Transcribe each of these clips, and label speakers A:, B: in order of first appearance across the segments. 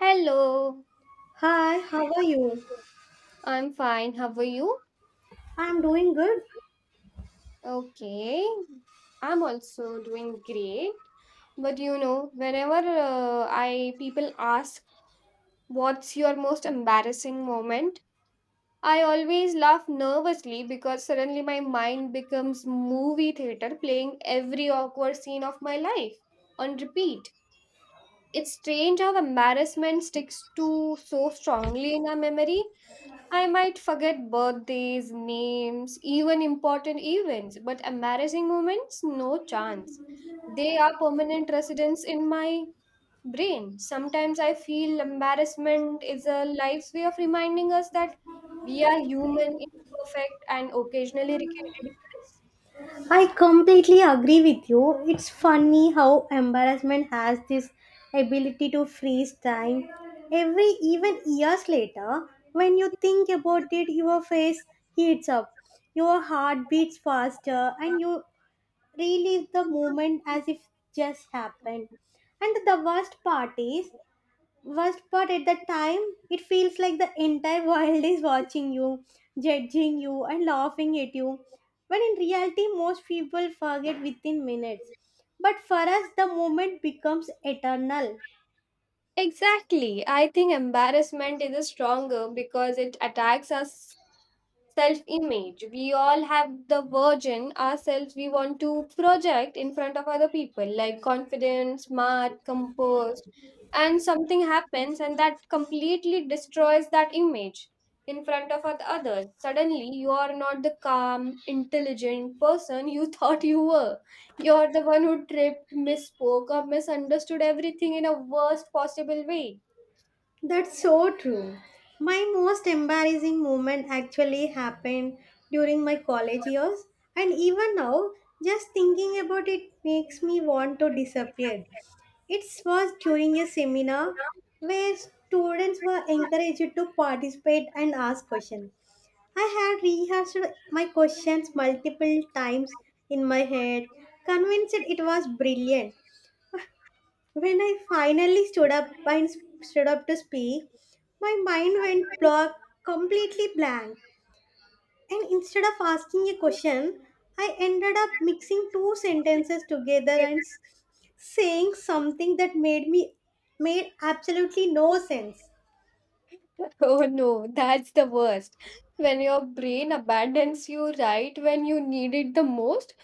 A: Hello,
B: Hi, how are you?
A: I'm fine. How are you?
B: I'm doing good.
A: Okay, I'm also doing great. But you know, whenever I people ask what's your most embarrassing moment, I always laugh nervously because suddenly my mind becomes movie theater playing every awkward scene of my life on repeat. It's strange how embarrassment sticks to so strongly in our memory. I might forget birthdays, names, even important events, but embarrassing moments, no chance. They are permanent residents in my brain. Sometimes I feel embarrassment is a life's way of reminding us that we are human, imperfect, and occasionally ridiculous.
B: I completely agree with you. It's funny how embarrassment has this ability to freeze time. Every even years later, when you think about it, your face heats up, your heart beats faster, and you relive the moment as if just happened. And the worst part at that time, it feels like the entire world is watching you, judging you, and laughing at you, when in reality most people forget within minutes, but for us the moment becomes eternal.
A: Exactly. I think embarrassment is stronger because it attacks us self image. We all have the version ourselves we want to project in front of other people, like confident, smart, composed, and something happens and that completely destroys that image in front of others. Suddenly, you are not the calm, intelligent person you thought you were. You're the one who tripped, misspoke, or misunderstood everything in a worst possible way.
B: That's so true. My most embarrassing moment actually happened during my college years, and even now, just thinking about it makes me want to disappear. It was during a seminar where students were encouraged to participate and ask questions. I had rehearsed my questions multiple times in my head, convinced it was brilliant. When I finally stood up to speak, my mind went blank, completely blank. And instead of asking a question, I ended up mixing two sentences together and saying something that made absolutely no sense.
A: Oh no, that's the worst. When your brain abandons you right when you need it the most,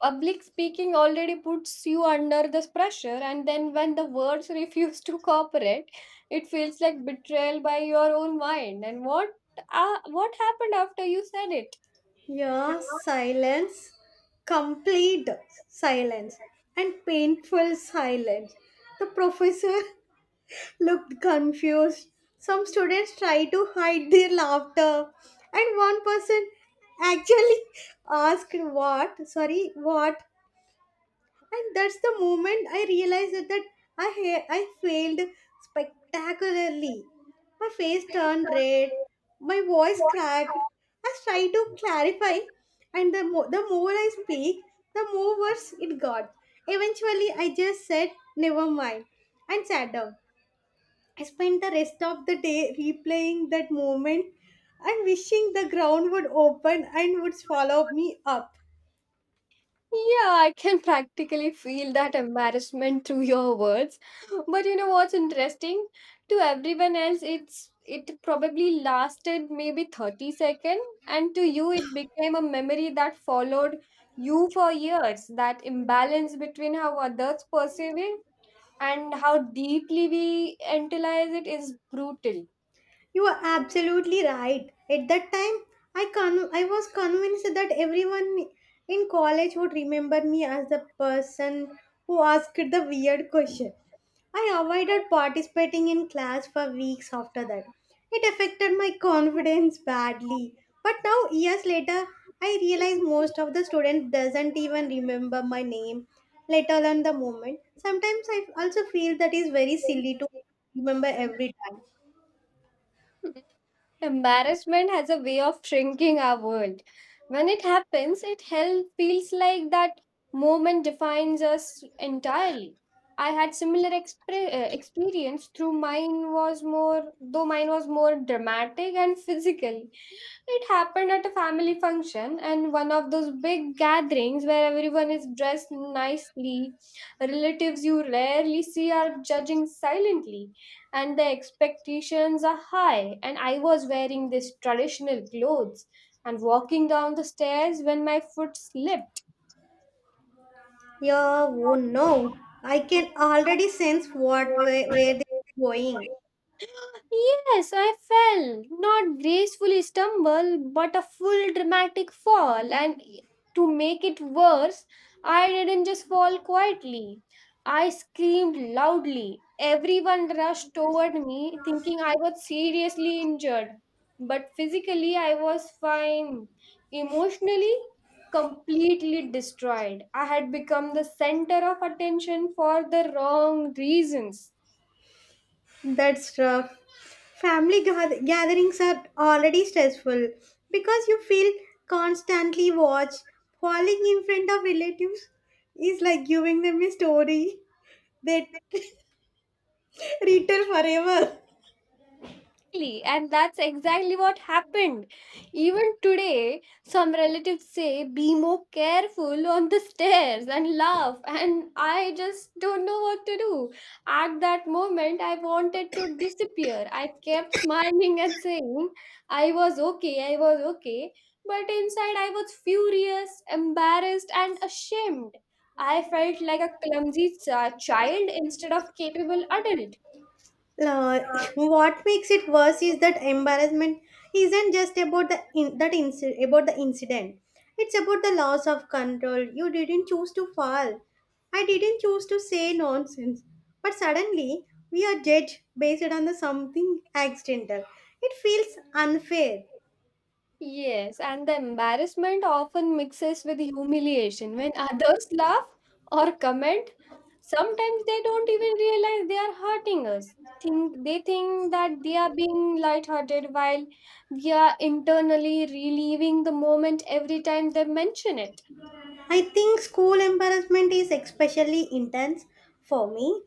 A: public speaking already puts you under this pressure, and then when the words refuse to cooperate, it feels like betrayal by your own mind. And what happened after you said it?
B: Yeah, silence, complete silence, and painful silence. The professor looked confused. Some students tried to hide their laughter, and one person actually asked, "What? Sorry, what?" And that's the moment I realized that I failed spectacularly. My face turned red, my voice cracked. I tried to clarify, and the more I speak, the more worse it got. Eventually, I just said, "Never mind," and sat down. I spent the rest of the day replaying that moment and wishing the ground would open and would swallow me up.
A: Yeah, I can practically feel that embarrassment through your words. But you know what's interesting? To everyone else, it probably lasted maybe 30 seconds, and to you, it became a memory that followed you for years. That imbalance between how others perceive it and how deeply we internalize it is brutal.
B: You are absolutely right. At that time, I was convinced that everyone in college would remember me as the person who asked the weird question. I avoided participating in class for weeks after that. It affected my confidence badly. But now years later, I realize most of the students doesn't even remember my name, let alone the moment. Sometimes I also feel that is very silly to remember every time.
A: Embarrassment has a way of shrinking our world. When it happens, it hell feels like that moment defines us entirely. I had similar experience through mine was more dramatic and physical. It happened at a family function and one of those big gatherings where everyone is dressed nicely. Relatives you rarely see are judging silently, and the expectations are high. And I was wearing these traditional clothes and walking down the stairs when my foot slipped.
B: Yeah, oh no. I can already sense where they're going.
A: Yes, I fell. Not gracefully stumble, but a full dramatic fall. And to make it worse, I didn't just fall quietly. I screamed loudly. Everyone rushed toward me, thinking I was seriously injured. But physically, I was fine. Emotionally, completely destroyed. I had become the center of attention for the wrong reasons.
B: That's rough. Family gatherings are already stressful because you feel constantly watched. Falling in front of relatives is like giving them a story they retell forever.
A: Exactly, and that's exactly what happened. Even today, some relatives say, be more careful on the stairs and laugh. And I just don't know what to do. At that moment, I wanted to disappear. I kept smiling and saying, I was okay, I was okay. But inside, I was furious, embarrassed, and ashamed. I felt like a clumsy child instead of capable adult.
B: Uh, what makes it worse is that embarrassment isn't just about the incident. It's about the loss of control. You didn't choose to fall. I didn't choose to say nonsense. But suddenly we are judged based on the something accidental. It feels unfair.
A: Yes, and the embarrassment often mixes with humiliation. When others laugh or comment, sometimes they don't even realize they are hurting us. Think they think that they are being lighthearted while they are internally reliving the moment every time they mention it.
B: I think school embarrassment is especially intense for me.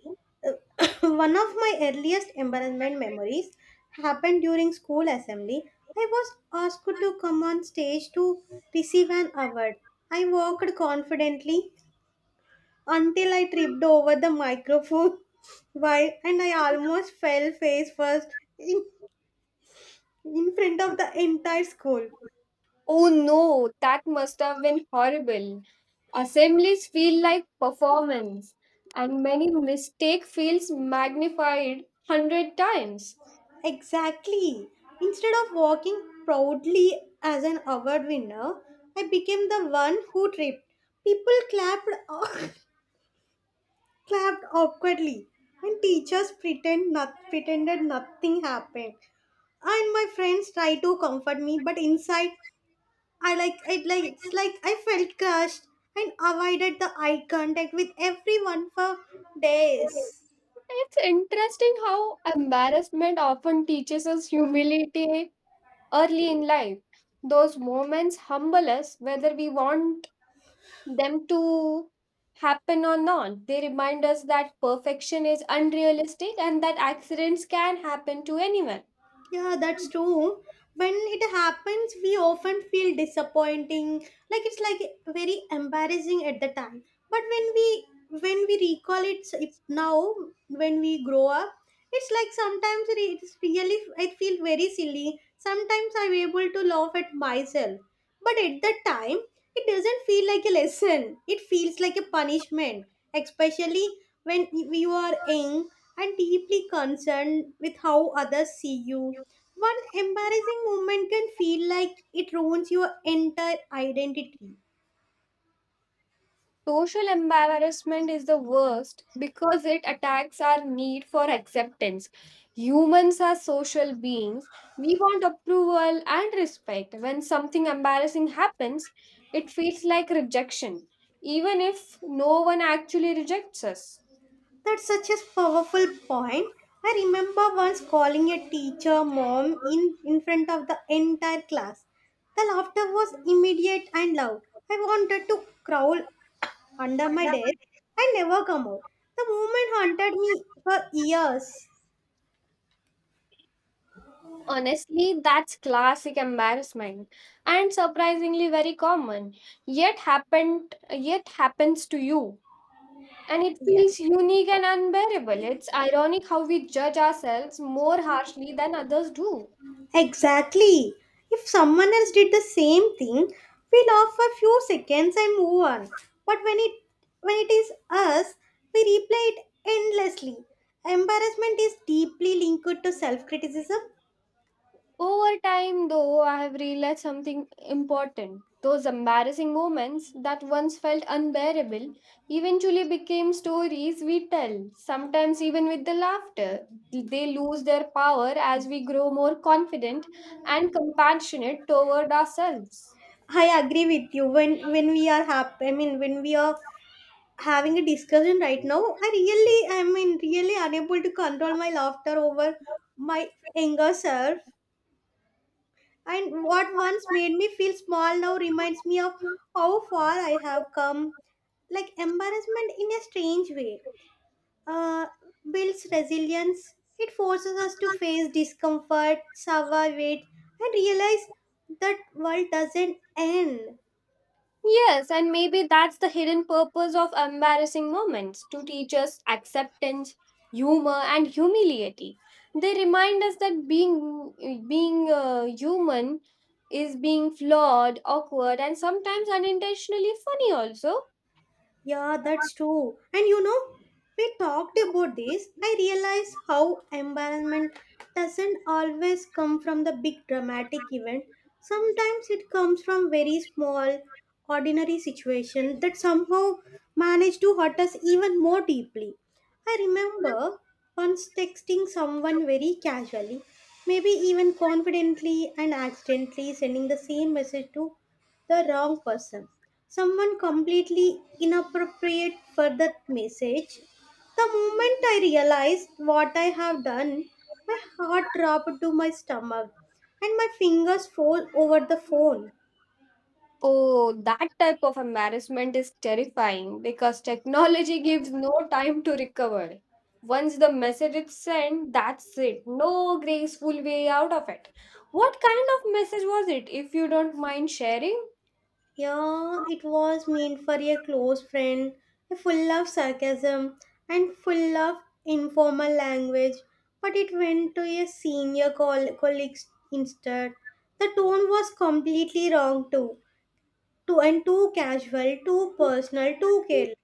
B: One of my earliest embarrassment memories happened during school assembly. I was asked to come on stage to receive an award. I walked confidently until I tripped over the microphone while and I almost fell face first in, in front of the entire school.
A: Oh no, that must have been horrible. Assemblies feel like performance, and many mistake feels magnified hundred times.
B: Exactly. Instead of walking proudly as an award winner, I became the one who tripped. People clapped, clapped awkwardly, and teachers pretended nothing happened. And my friends tried to comfort me, but inside, I like it like it's like I felt crushed and avoided the eye contact with everyone for days.
A: It's interesting how embarrassment often teaches us humility early in life. Those moments humble us, whether we want them to happen or not. They remind us that perfection is unrealistic and that accidents can happen to anyone.
B: Yeah, that's true. When it happens, we often feel disappointing, like it's like very embarrassing at the time. But when we recall it now, when we grow up, it's like sometimes it's really I feel very silly. Sometimes I'm able to laugh at myself, but at the time, it doesn't feel like a lesson. It feels like a punishment, especially when you are young and deeply concerned with how others see you. One embarrassing moment can feel like it ruins your entire identity.
A: Social embarrassment is the worst because it attacks our need for acceptance. Humans are social beings. We want approval and respect. When something embarrassing happens, it feels like rejection, even if no one actually rejects us.
B: That's such a powerful point. I remember once calling a teacher mom in front of the entire class. The laughter was immediate and loud. I wanted to crawl under my desk and never come out. The moment haunted me for years.
A: Honestly, that's classic embarrassment and surprisingly very common. Yet happens to you. And it
B: Yeah.
A: feels unique and unbearable. It's ironic how we judge ourselves more harshly than others do.
B: Exactly. If someone else did the same thing, we laugh for few seconds and move on. But when it is us, we replay it endlessly. Embarrassment is deeply linked to self-criticism.
A: Over time, though, I have realized something important. Those embarrassing moments that once felt unbearable eventually became stories we tell, sometimes even with the laughter. They lose their power as we grow more confident and compassionate toward ourselves.
B: I agree with you. When we are happy, I mean when we are having a discussion right now, I mean really unable to control my laughter over my anger self. And what once made me feel small now reminds me of how far I have come. Like embarrassment in a strange way uh, builds resilience. It forces us to face discomfort, survive it, and realize that world doesn't end.
A: Yes, and maybe that's the hidden purpose of embarrassing moments to teach us acceptance, humor, and humility. They remind us that being human is being flawed, awkward, and sometimes unintentionally funny also.
B: Yeah, that's true. And we talked about this. I realize how embarrassment doesn't always come from the big dramatic event. Sometimes it comes from very small, ordinary situation that somehow manage to hurt us even more deeply. I remember once texting someone very casually, maybe even confidently, and accidentally sending the same message to the wrong person, someone completely inappropriate for that message. The moment I realized what I have done, my heart dropped to my stomach and my fingers fell over the phone.
A: Oh, that type of embarrassment is terrifying because technology gives no time to recover. Once the message is sent, that's it. No graceful way out of it. What kind of message was it, if you don't mind sharing?
B: Yeah, it was meant for a close friend, full of sarcasm and full of informal language, but it went to a senior colleague instead. The tone was completely wrong too. Too and too casual, too personal, too careless.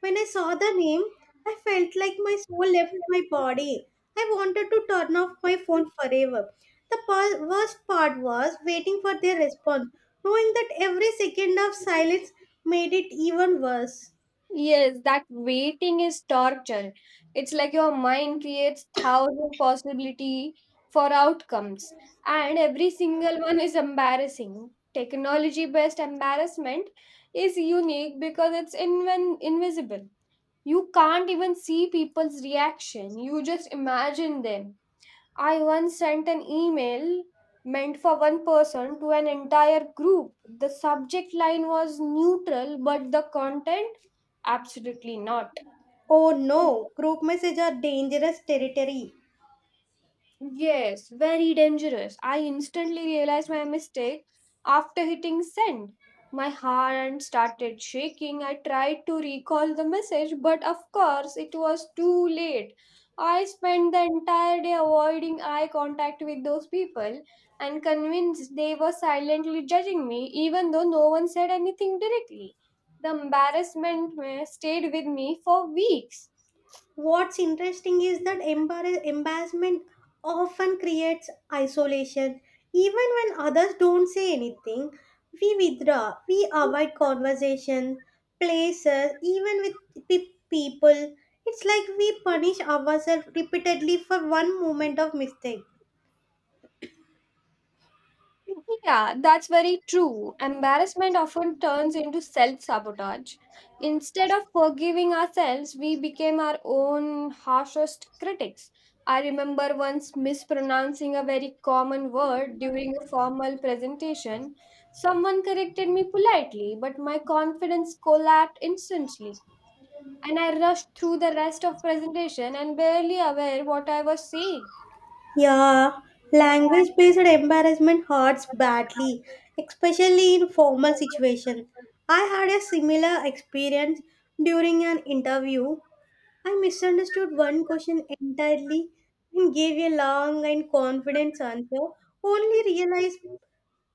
B: When I saw the name, I felt like my soul left my body. I wanted to turn off my phone forever. The worst part was waiting for their response, knowing that every second of silence made it even worse.
A: Yes, that waiting is torture. It's like your mind creates thousand possibility for outcomes, and every single one is embarrassing. Technology-based embarrassment is unique because it's inven invisible. You can't even see people's reaction. You just imagine them. I once sent an email meant for one person to an entire group. The subject line was neutral, but the content absolutely not.
B: Oh no, group messages are dangerous territory.
A: Yes, very dangerous. I instantly realized my mistake after hitting send. My hand started shaking. I tried to recall the message, but of course, it was too late. I spent the entire day avoiding eye contact with those people and convinced they were silently judging me, even though no one said anything directly. The embarrassment stayed with me for weeks.
B: What's interesting is that embarrassment often creates isolation. Even when others don't say anything, we withdraw, we avoid conversation, places, even with people. It's like we punish ourselves repeatedly for one moment of mistake.
A: Yeah, that's very true. Embarrassment often turns into self sabotage. Instead of forgiving ourselves, we became our own harshest critics. I remember once mispronouncing a very common word during a formal presentation. Someone corrected me politely, but my confidence collapsed instantly, and I rushed through the rest of presentation and barely aware what I was saying.
B: Yeah, language based embarrassment hurts badly, especially in formal situations. I had a similar experience during an interview. I misunderstood one question entirely and gave a long and confident answer, only realize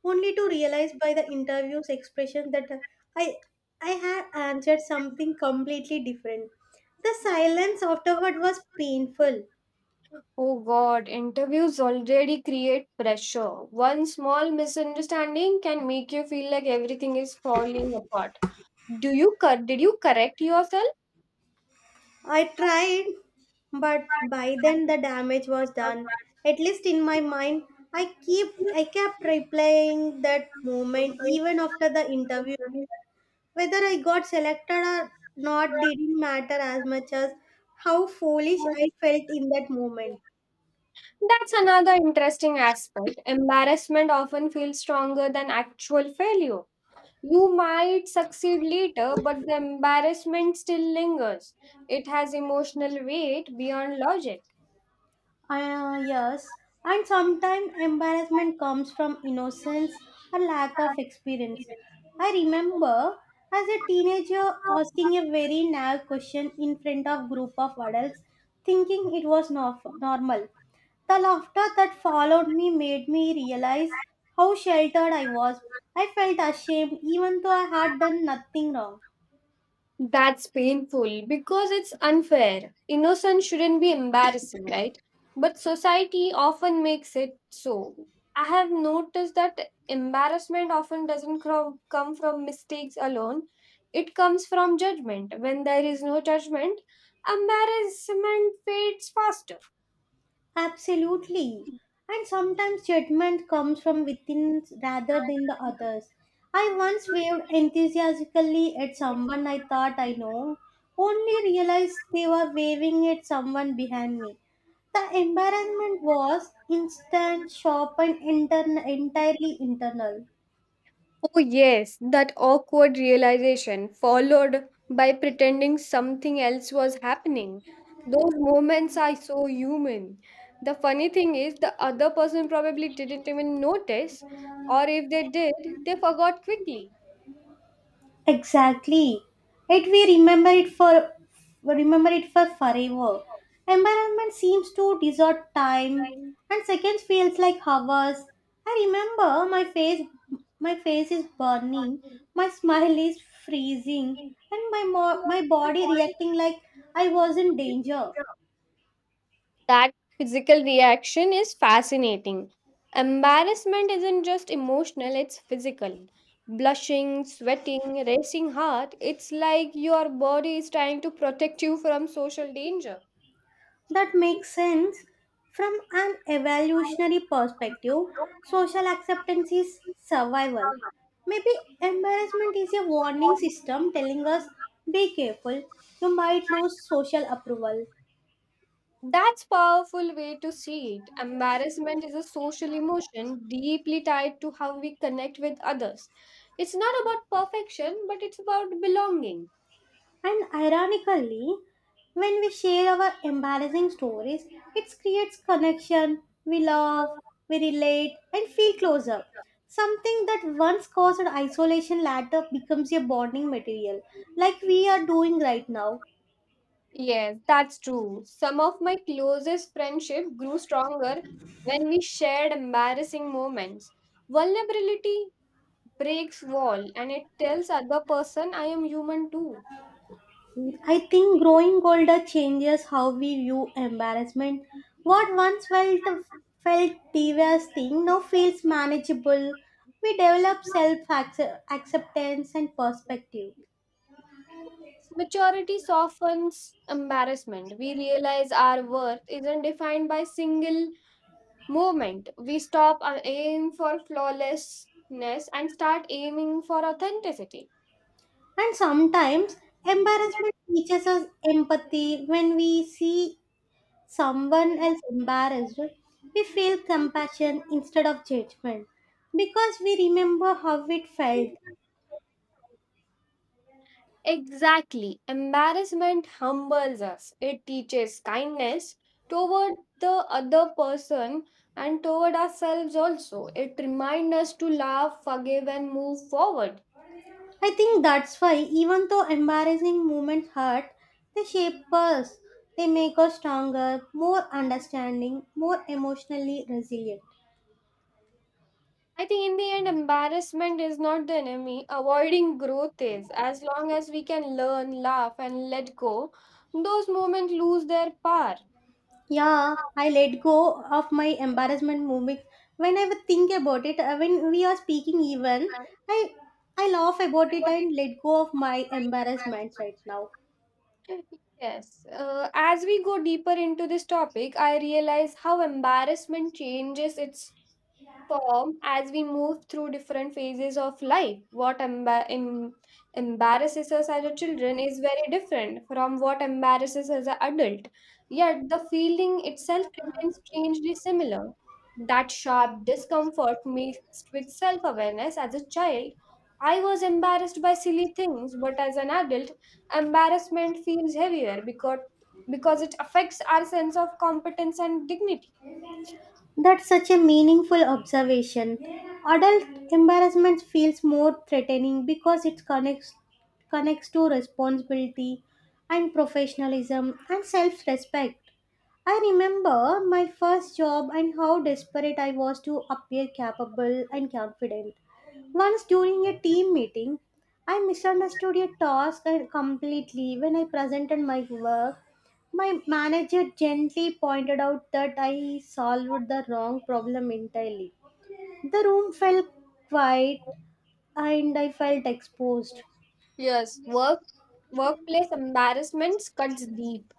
B: only to realize by the interview's expression that I I had answered something completely different. The silence afterward was painful.
A: Oh God, interviews already create pressure. One small misunderstanding can make you feel like everything is falling apart. Do you did you correct yourself?
B: I tried, but by then the damage was done. At least in my mind, I kept replaying that moment even after the interview. Whether I got selected or not didn't matter as much as how foolish I felt in that moment.
A: That's another interesting aspect. Embarrassment often feels stronger than actual failure. You might succeed later, but the embarrassment still lingers. It has emotional weight beyond logic.
B: Yes, and sometimes embarrassment comes from innocence or lack of experience. I remember as a teenager asking a very naive question in front of group of adults, thinking it was normal. The laughter that followed me made me realize how sheltered I was. I felt ashamed even though I had done nothing wrong.
A: That's painful because it's unfair. Innocence shouldn't be embarrassing, right? But society often makes it so. I have noticed that embarrassment often doesn't come from mistakes alone, it comes from judgment. When there is no judgment, embarrassment fades faster.
B: Absolutely. And sometimes judgment comes from within rather than the others. I once waved enthusiastically at someone I thought I know, only realized they were waving at someone behind me. The embarrassment was instant, sharp, and entirely internal.
A: Oh, yes, that awkward realization, followed by pretending something else was happening. Those moments are so human. The funny thing is, the other person probably didn't even notice, or if they did, they forgot quickly.
B: Exactly. It we remember it for we remember it for forever. Environment seems to distort time,
A: Fine,
B: and seconds feels like hours. I remember my face is burning, my smile is freezing,
A: funny.
B: and my body reacting like I was in danger.
A: That physical reaction is fascinating. Embarrassment isn't just emotional, it's physical. Blushing, sweating, racing heart, it's like your body is trying to protect you from social danger.
B: That makes sense. From an evolutionary perspective, social acceptance is survival. Maybe embarrassment is a warning system telling us be careful, you might lose social approval.
A: That's powerful way to see it. Embarrassment is a social emotion deeply tied to how we connect with others. It's not about perfection, but it's about belonging.
B: And ironically, when we share our embarrassing stories, it creates connection, we laugh, we relate, and feel closer. Something that once caused isolation later becomes a bonding material, like we are doing right now.
A: Yes, that's true. Some of my closest friendship grew stronger when we shared embarrassing moments. Vulnerability breaks wall and it tells other person I am human too.
B: I think growing older changes how we view embarrassment. What once felt devastating now feels manageable. We develop self acceptance and perspective.
A: Maturity softens embarrassment. We realize our worth isn't defined by single movement. We stop our aim for flawlessness and start aiming for authenticity.
B: And sometimes embarrassment teaches us empathy. When we see someone else embarrassed, we feel compassion instead of judgment because we remember how it felt.
A: Exactly. Embarrassment humbles us. It teaches kindness toward the other person and toward ourselves also. It reminds us to laugh, forgive, and move forward.
B: I think that's why, even though embarrassing moments hurt, they shape us. They make us stronger, more understanding, more emotionally resilient.
A: I think in the end, embarrassment is not the enemy. Avoiding growth is. As long as we can learn, laugh, and let go, those moments lose their power.
B: Yeah, I let go of my embarrassment moment. When I would think about it, when we are speaking even, I I laugh about it and let go of my embarrassments right now.
A: Yes. As we go deeper into this topic, I realize how embarrassment changes its form as we move through different phases of life. What embarrasses us as a children is very different from what embarrasses us as an adult. Yet the feeling itself remains strangely similar. That sharp discomfort mixed with self awareness as a child. I was embarrassed by silly things, but as an adult, embarrassment feels heavier because it affects our sense of competence and dignity.
B: That's such a meaningful observation. Adult embarrassment feels more threatening because it connects to responsibility and professionalism and self-respect. I remember my first job and how desperate I was to appear capable and confident. Once during a team meeting, I misunderstood a task and completely when I presented my work. My manager gently pointed out that I solved the wrong problem entirely. The room felt quiet and I felt exposed.
A: Yes, workplace embarrassments cuts deep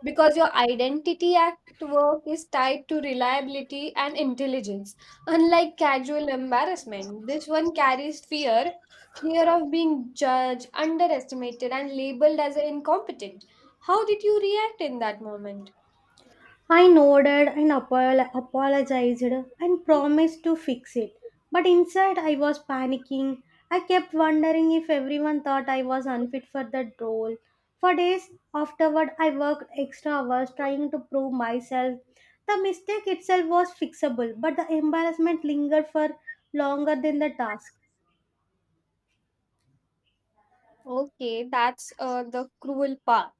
A: because your identity at work is tied to reliability and intelligence. Unlike casual embarrassment, this one carries fear, fear of being judged, underestimated, and labeled as an incompetent. How did you react in that moment?
B: I nodded and apologized and promised to fix it. But inside, I was panicking. I kept wondering if everyone thought I was unfit for that role. For days afterward, I worked extra hours trying to prove myself. The mistake itself was fixable, but the embarrassment lingered for longer than the task.
A: Okay, that's the cruel part.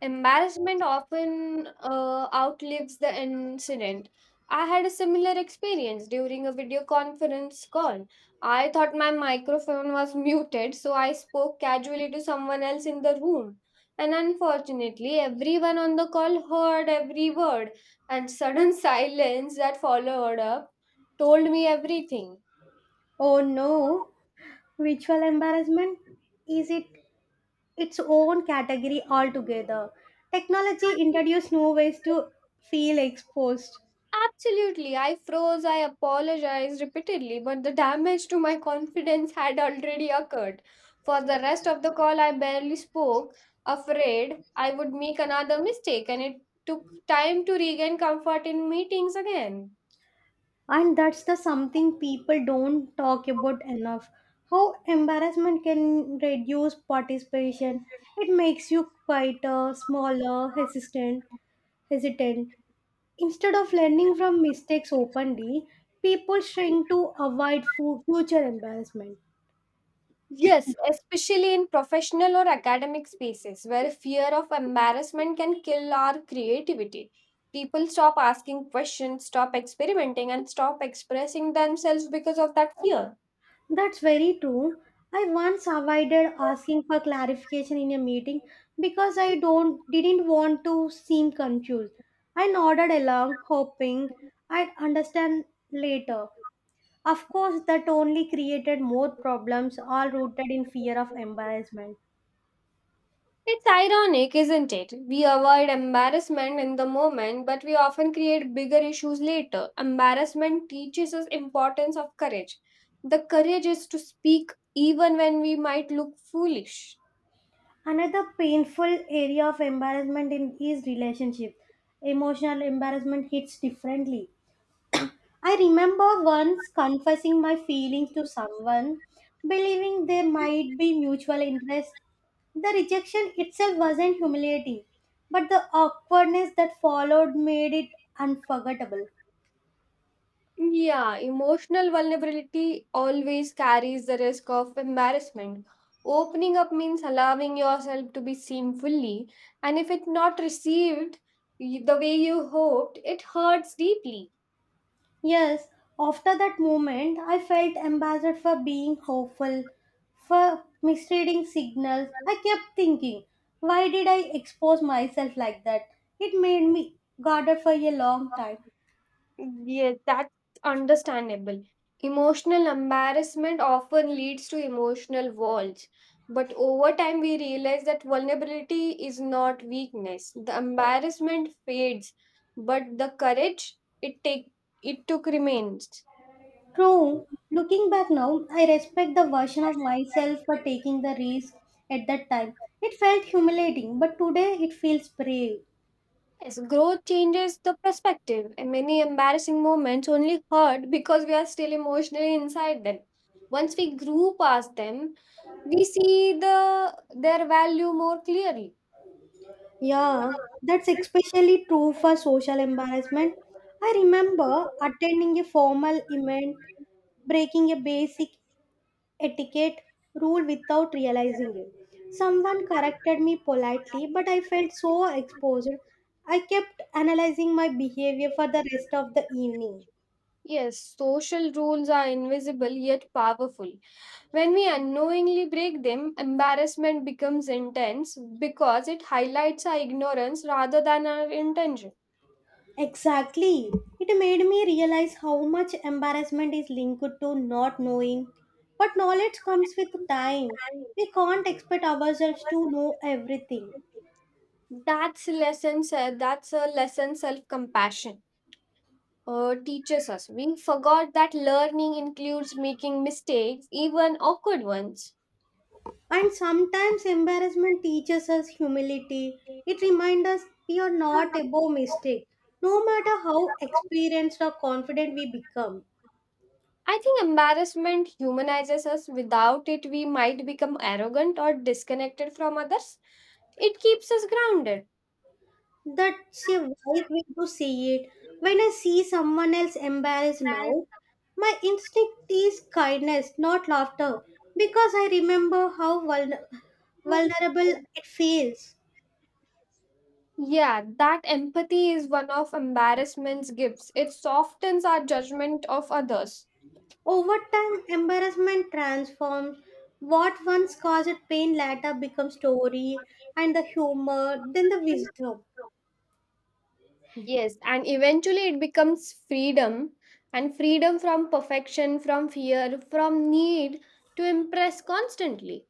A: Embarrassment often outlives the incident. I had a similar experience during a video conference call. I thought my microphone was muted, so I spoke casually to someone else in the room. And unfortunately, everyone on the call heard every word, and sudden silence that followed up told me everything.
B: Oh no! Ritual embarrassment? Is it its own category altogether. Technology introduced new ways to feel exposed,
A: Absolutely. I froze, I apologized repeatedly, but the damage to my confidence had already occurred. For the rest of the call, I barely spoke, afraid I would make another mistake, and it took time to regain comfort in meetings again.
B: and that's the something people don't talk about enough. How embarrassment can reduce participation. It makes you quieter, smaller, hesitant. Instead of learning from mistakes openly, people shrink to avoid future embarrassment.
A: Yes, especially in professional or academic spaces where fear of embarrassment can kill our creativity. People stop asking questions, stop experimenting, and stop expressing themselves because of that fear.
B: That's very true. I once avoided asking for clarification in a meeting because I don't didn't want to seem confused. I nodded along, hoping I'd understand later. Of course, that only created more problems, all rooted in fear of embarrassment.
A: It's ironic, isn't it? We avoid embarrassment in the moment, but we often create bigger issues later. Embarrassment teaches us importance of courage. The courage is to speak even when we might look foolish.
B: Another painful area of embarrassment in is relationship. Emotional embarrassment hits differently. I remember once confessing my feelings to someone, believing there might be mutual interest. The rejection itself wasn't humiliating, but the awkwardness that followed made it unforgettable.
A: Yeah, emotional vulnerability always carries the risk of embarrassment. Opening up means allowing yourself to be seen fully, and if it's not received the way you hoped, it hurts deeply.
B: Yes, after that moment, I felt embarrassed for being hopeful, for misreading signals. I kept thinking, why did I expose myself like that? It made me guarded for a long time.
A: Yes, that's understandable. Emotional embarrassment often leads to emotional walls. But over time, we realize that vulnerability is not weakness. The embarrassment fades, but the courage it took remains.
B: True. Looking back now, I respect the version of myself for taking the risk at that time. It felt humiliating, but today it feels brave.
A: Yes, growth changes the perspective, and many embarrassing moments only hurt because we are still emotionally inside them. Once we grew past them, we see the their value more clearly.
B: Yeah, that's especially true for social embarrassment. I remember attending a formal event, breaking a basic etiquette rule without realizing it. Someone corrected me politely, but I felt so exposed. I kept analyzing my behavior for the rest of the evening.
A: Yes, social rules are invisible yet powerful. When we unknowingly break them, embarrassment becomes intense because it highlights our ignorance rather than our intention.
B: Exactly. It made me realize how much embarrassment is linked to not knowing. But knowledge comes with time. We can't expect ourselves to know everything.
A: That's a lesson. Self-compassion teaches us. We forgot that learning includes making mistakes, even awkward ones.
B: And sometimes embarrassment teaches us humility. It reminds us we are not above mistake, no matter how experienced or confident we become.
A: I think embarrassment humanizes us. Without it, we might become arrogant or disconnected from others. It keeps us grounded.
B: That's a wise way to see it. When I see someone else embarrassed now, my instinct is kindness, not laughter, because I remember how vulnerable it feels.
A: Yeah, that empathy is one of embarrassment's gifts. It softens our judgment of others.
B: Over time, embarrassment transforms. What once caused pain later becomes story, and the humor, then the wisdom.
A: Yes, and eventually it becomes freedom and freedom from perfection, from fear, from need to impress constantly.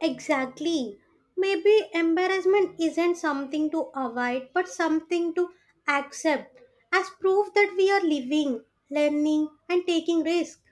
B: Exactly. Maybe embarrassment isn't something to avoid, but something to accept as proof that we are living, learning, and taking risk.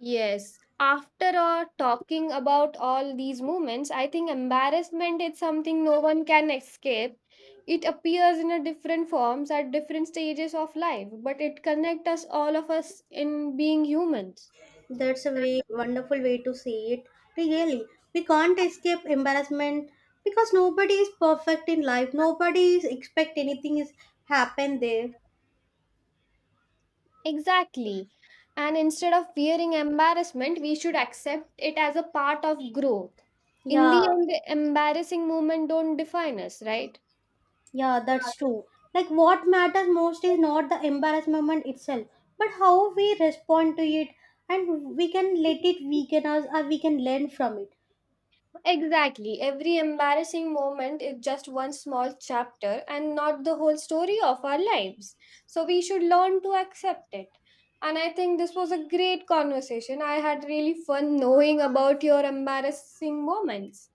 A: Yes. After talking about all these movements, I think embarrassment is something no one can escape. It appears in a different forms at different stages of life, but it connects us all of us in being humans.
B: That's a wonderful way to see it. Really, we can't escape embarrassment because nobody is perfect in life. Nobody is expect anything is happen there.
A: Exactly. And instead of fearing embarrassment, we should accept it as a part of growth. In
B: Yeah.
A: the end, embarrassing moment don't define us, right?
B: Yeah, that's true. Like, what matters most is not the embarrassment itself, but how we respond to it, and we can let it weaken us or we can learn from it.
A: Exactly. Every embarrassing moment is just one small chapter and not the whole story of our lives. So we should learn to accept it. And I think this was a great conversation. I had really fun knowing about your embarrassing moments.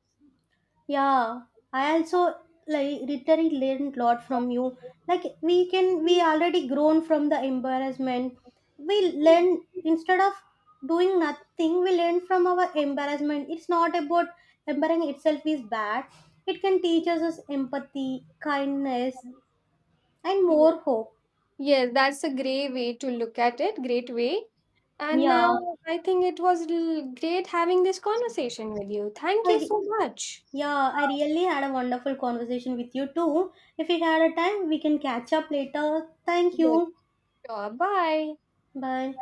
B: Yeah, I also like literally learned a lot from you. Like, we already grown from the embarrassment. We learn instead of doing nothing, we learn from our embarrassment. It's not about embarrassing itself is bad. It can teach us as empathy, kindness, and more hope.
A: Yes, that's a great way to look at it. Great way. And
B: Yeah,
A: now I think it was great having this conversation with you. Thank you
B: I,
A: so much.
B: yeah, I really had a wonderful conversation with you too. If we had a time, we can catch up later. Thank
A: Good
B: you.
A: job. Bye.
B: Bye.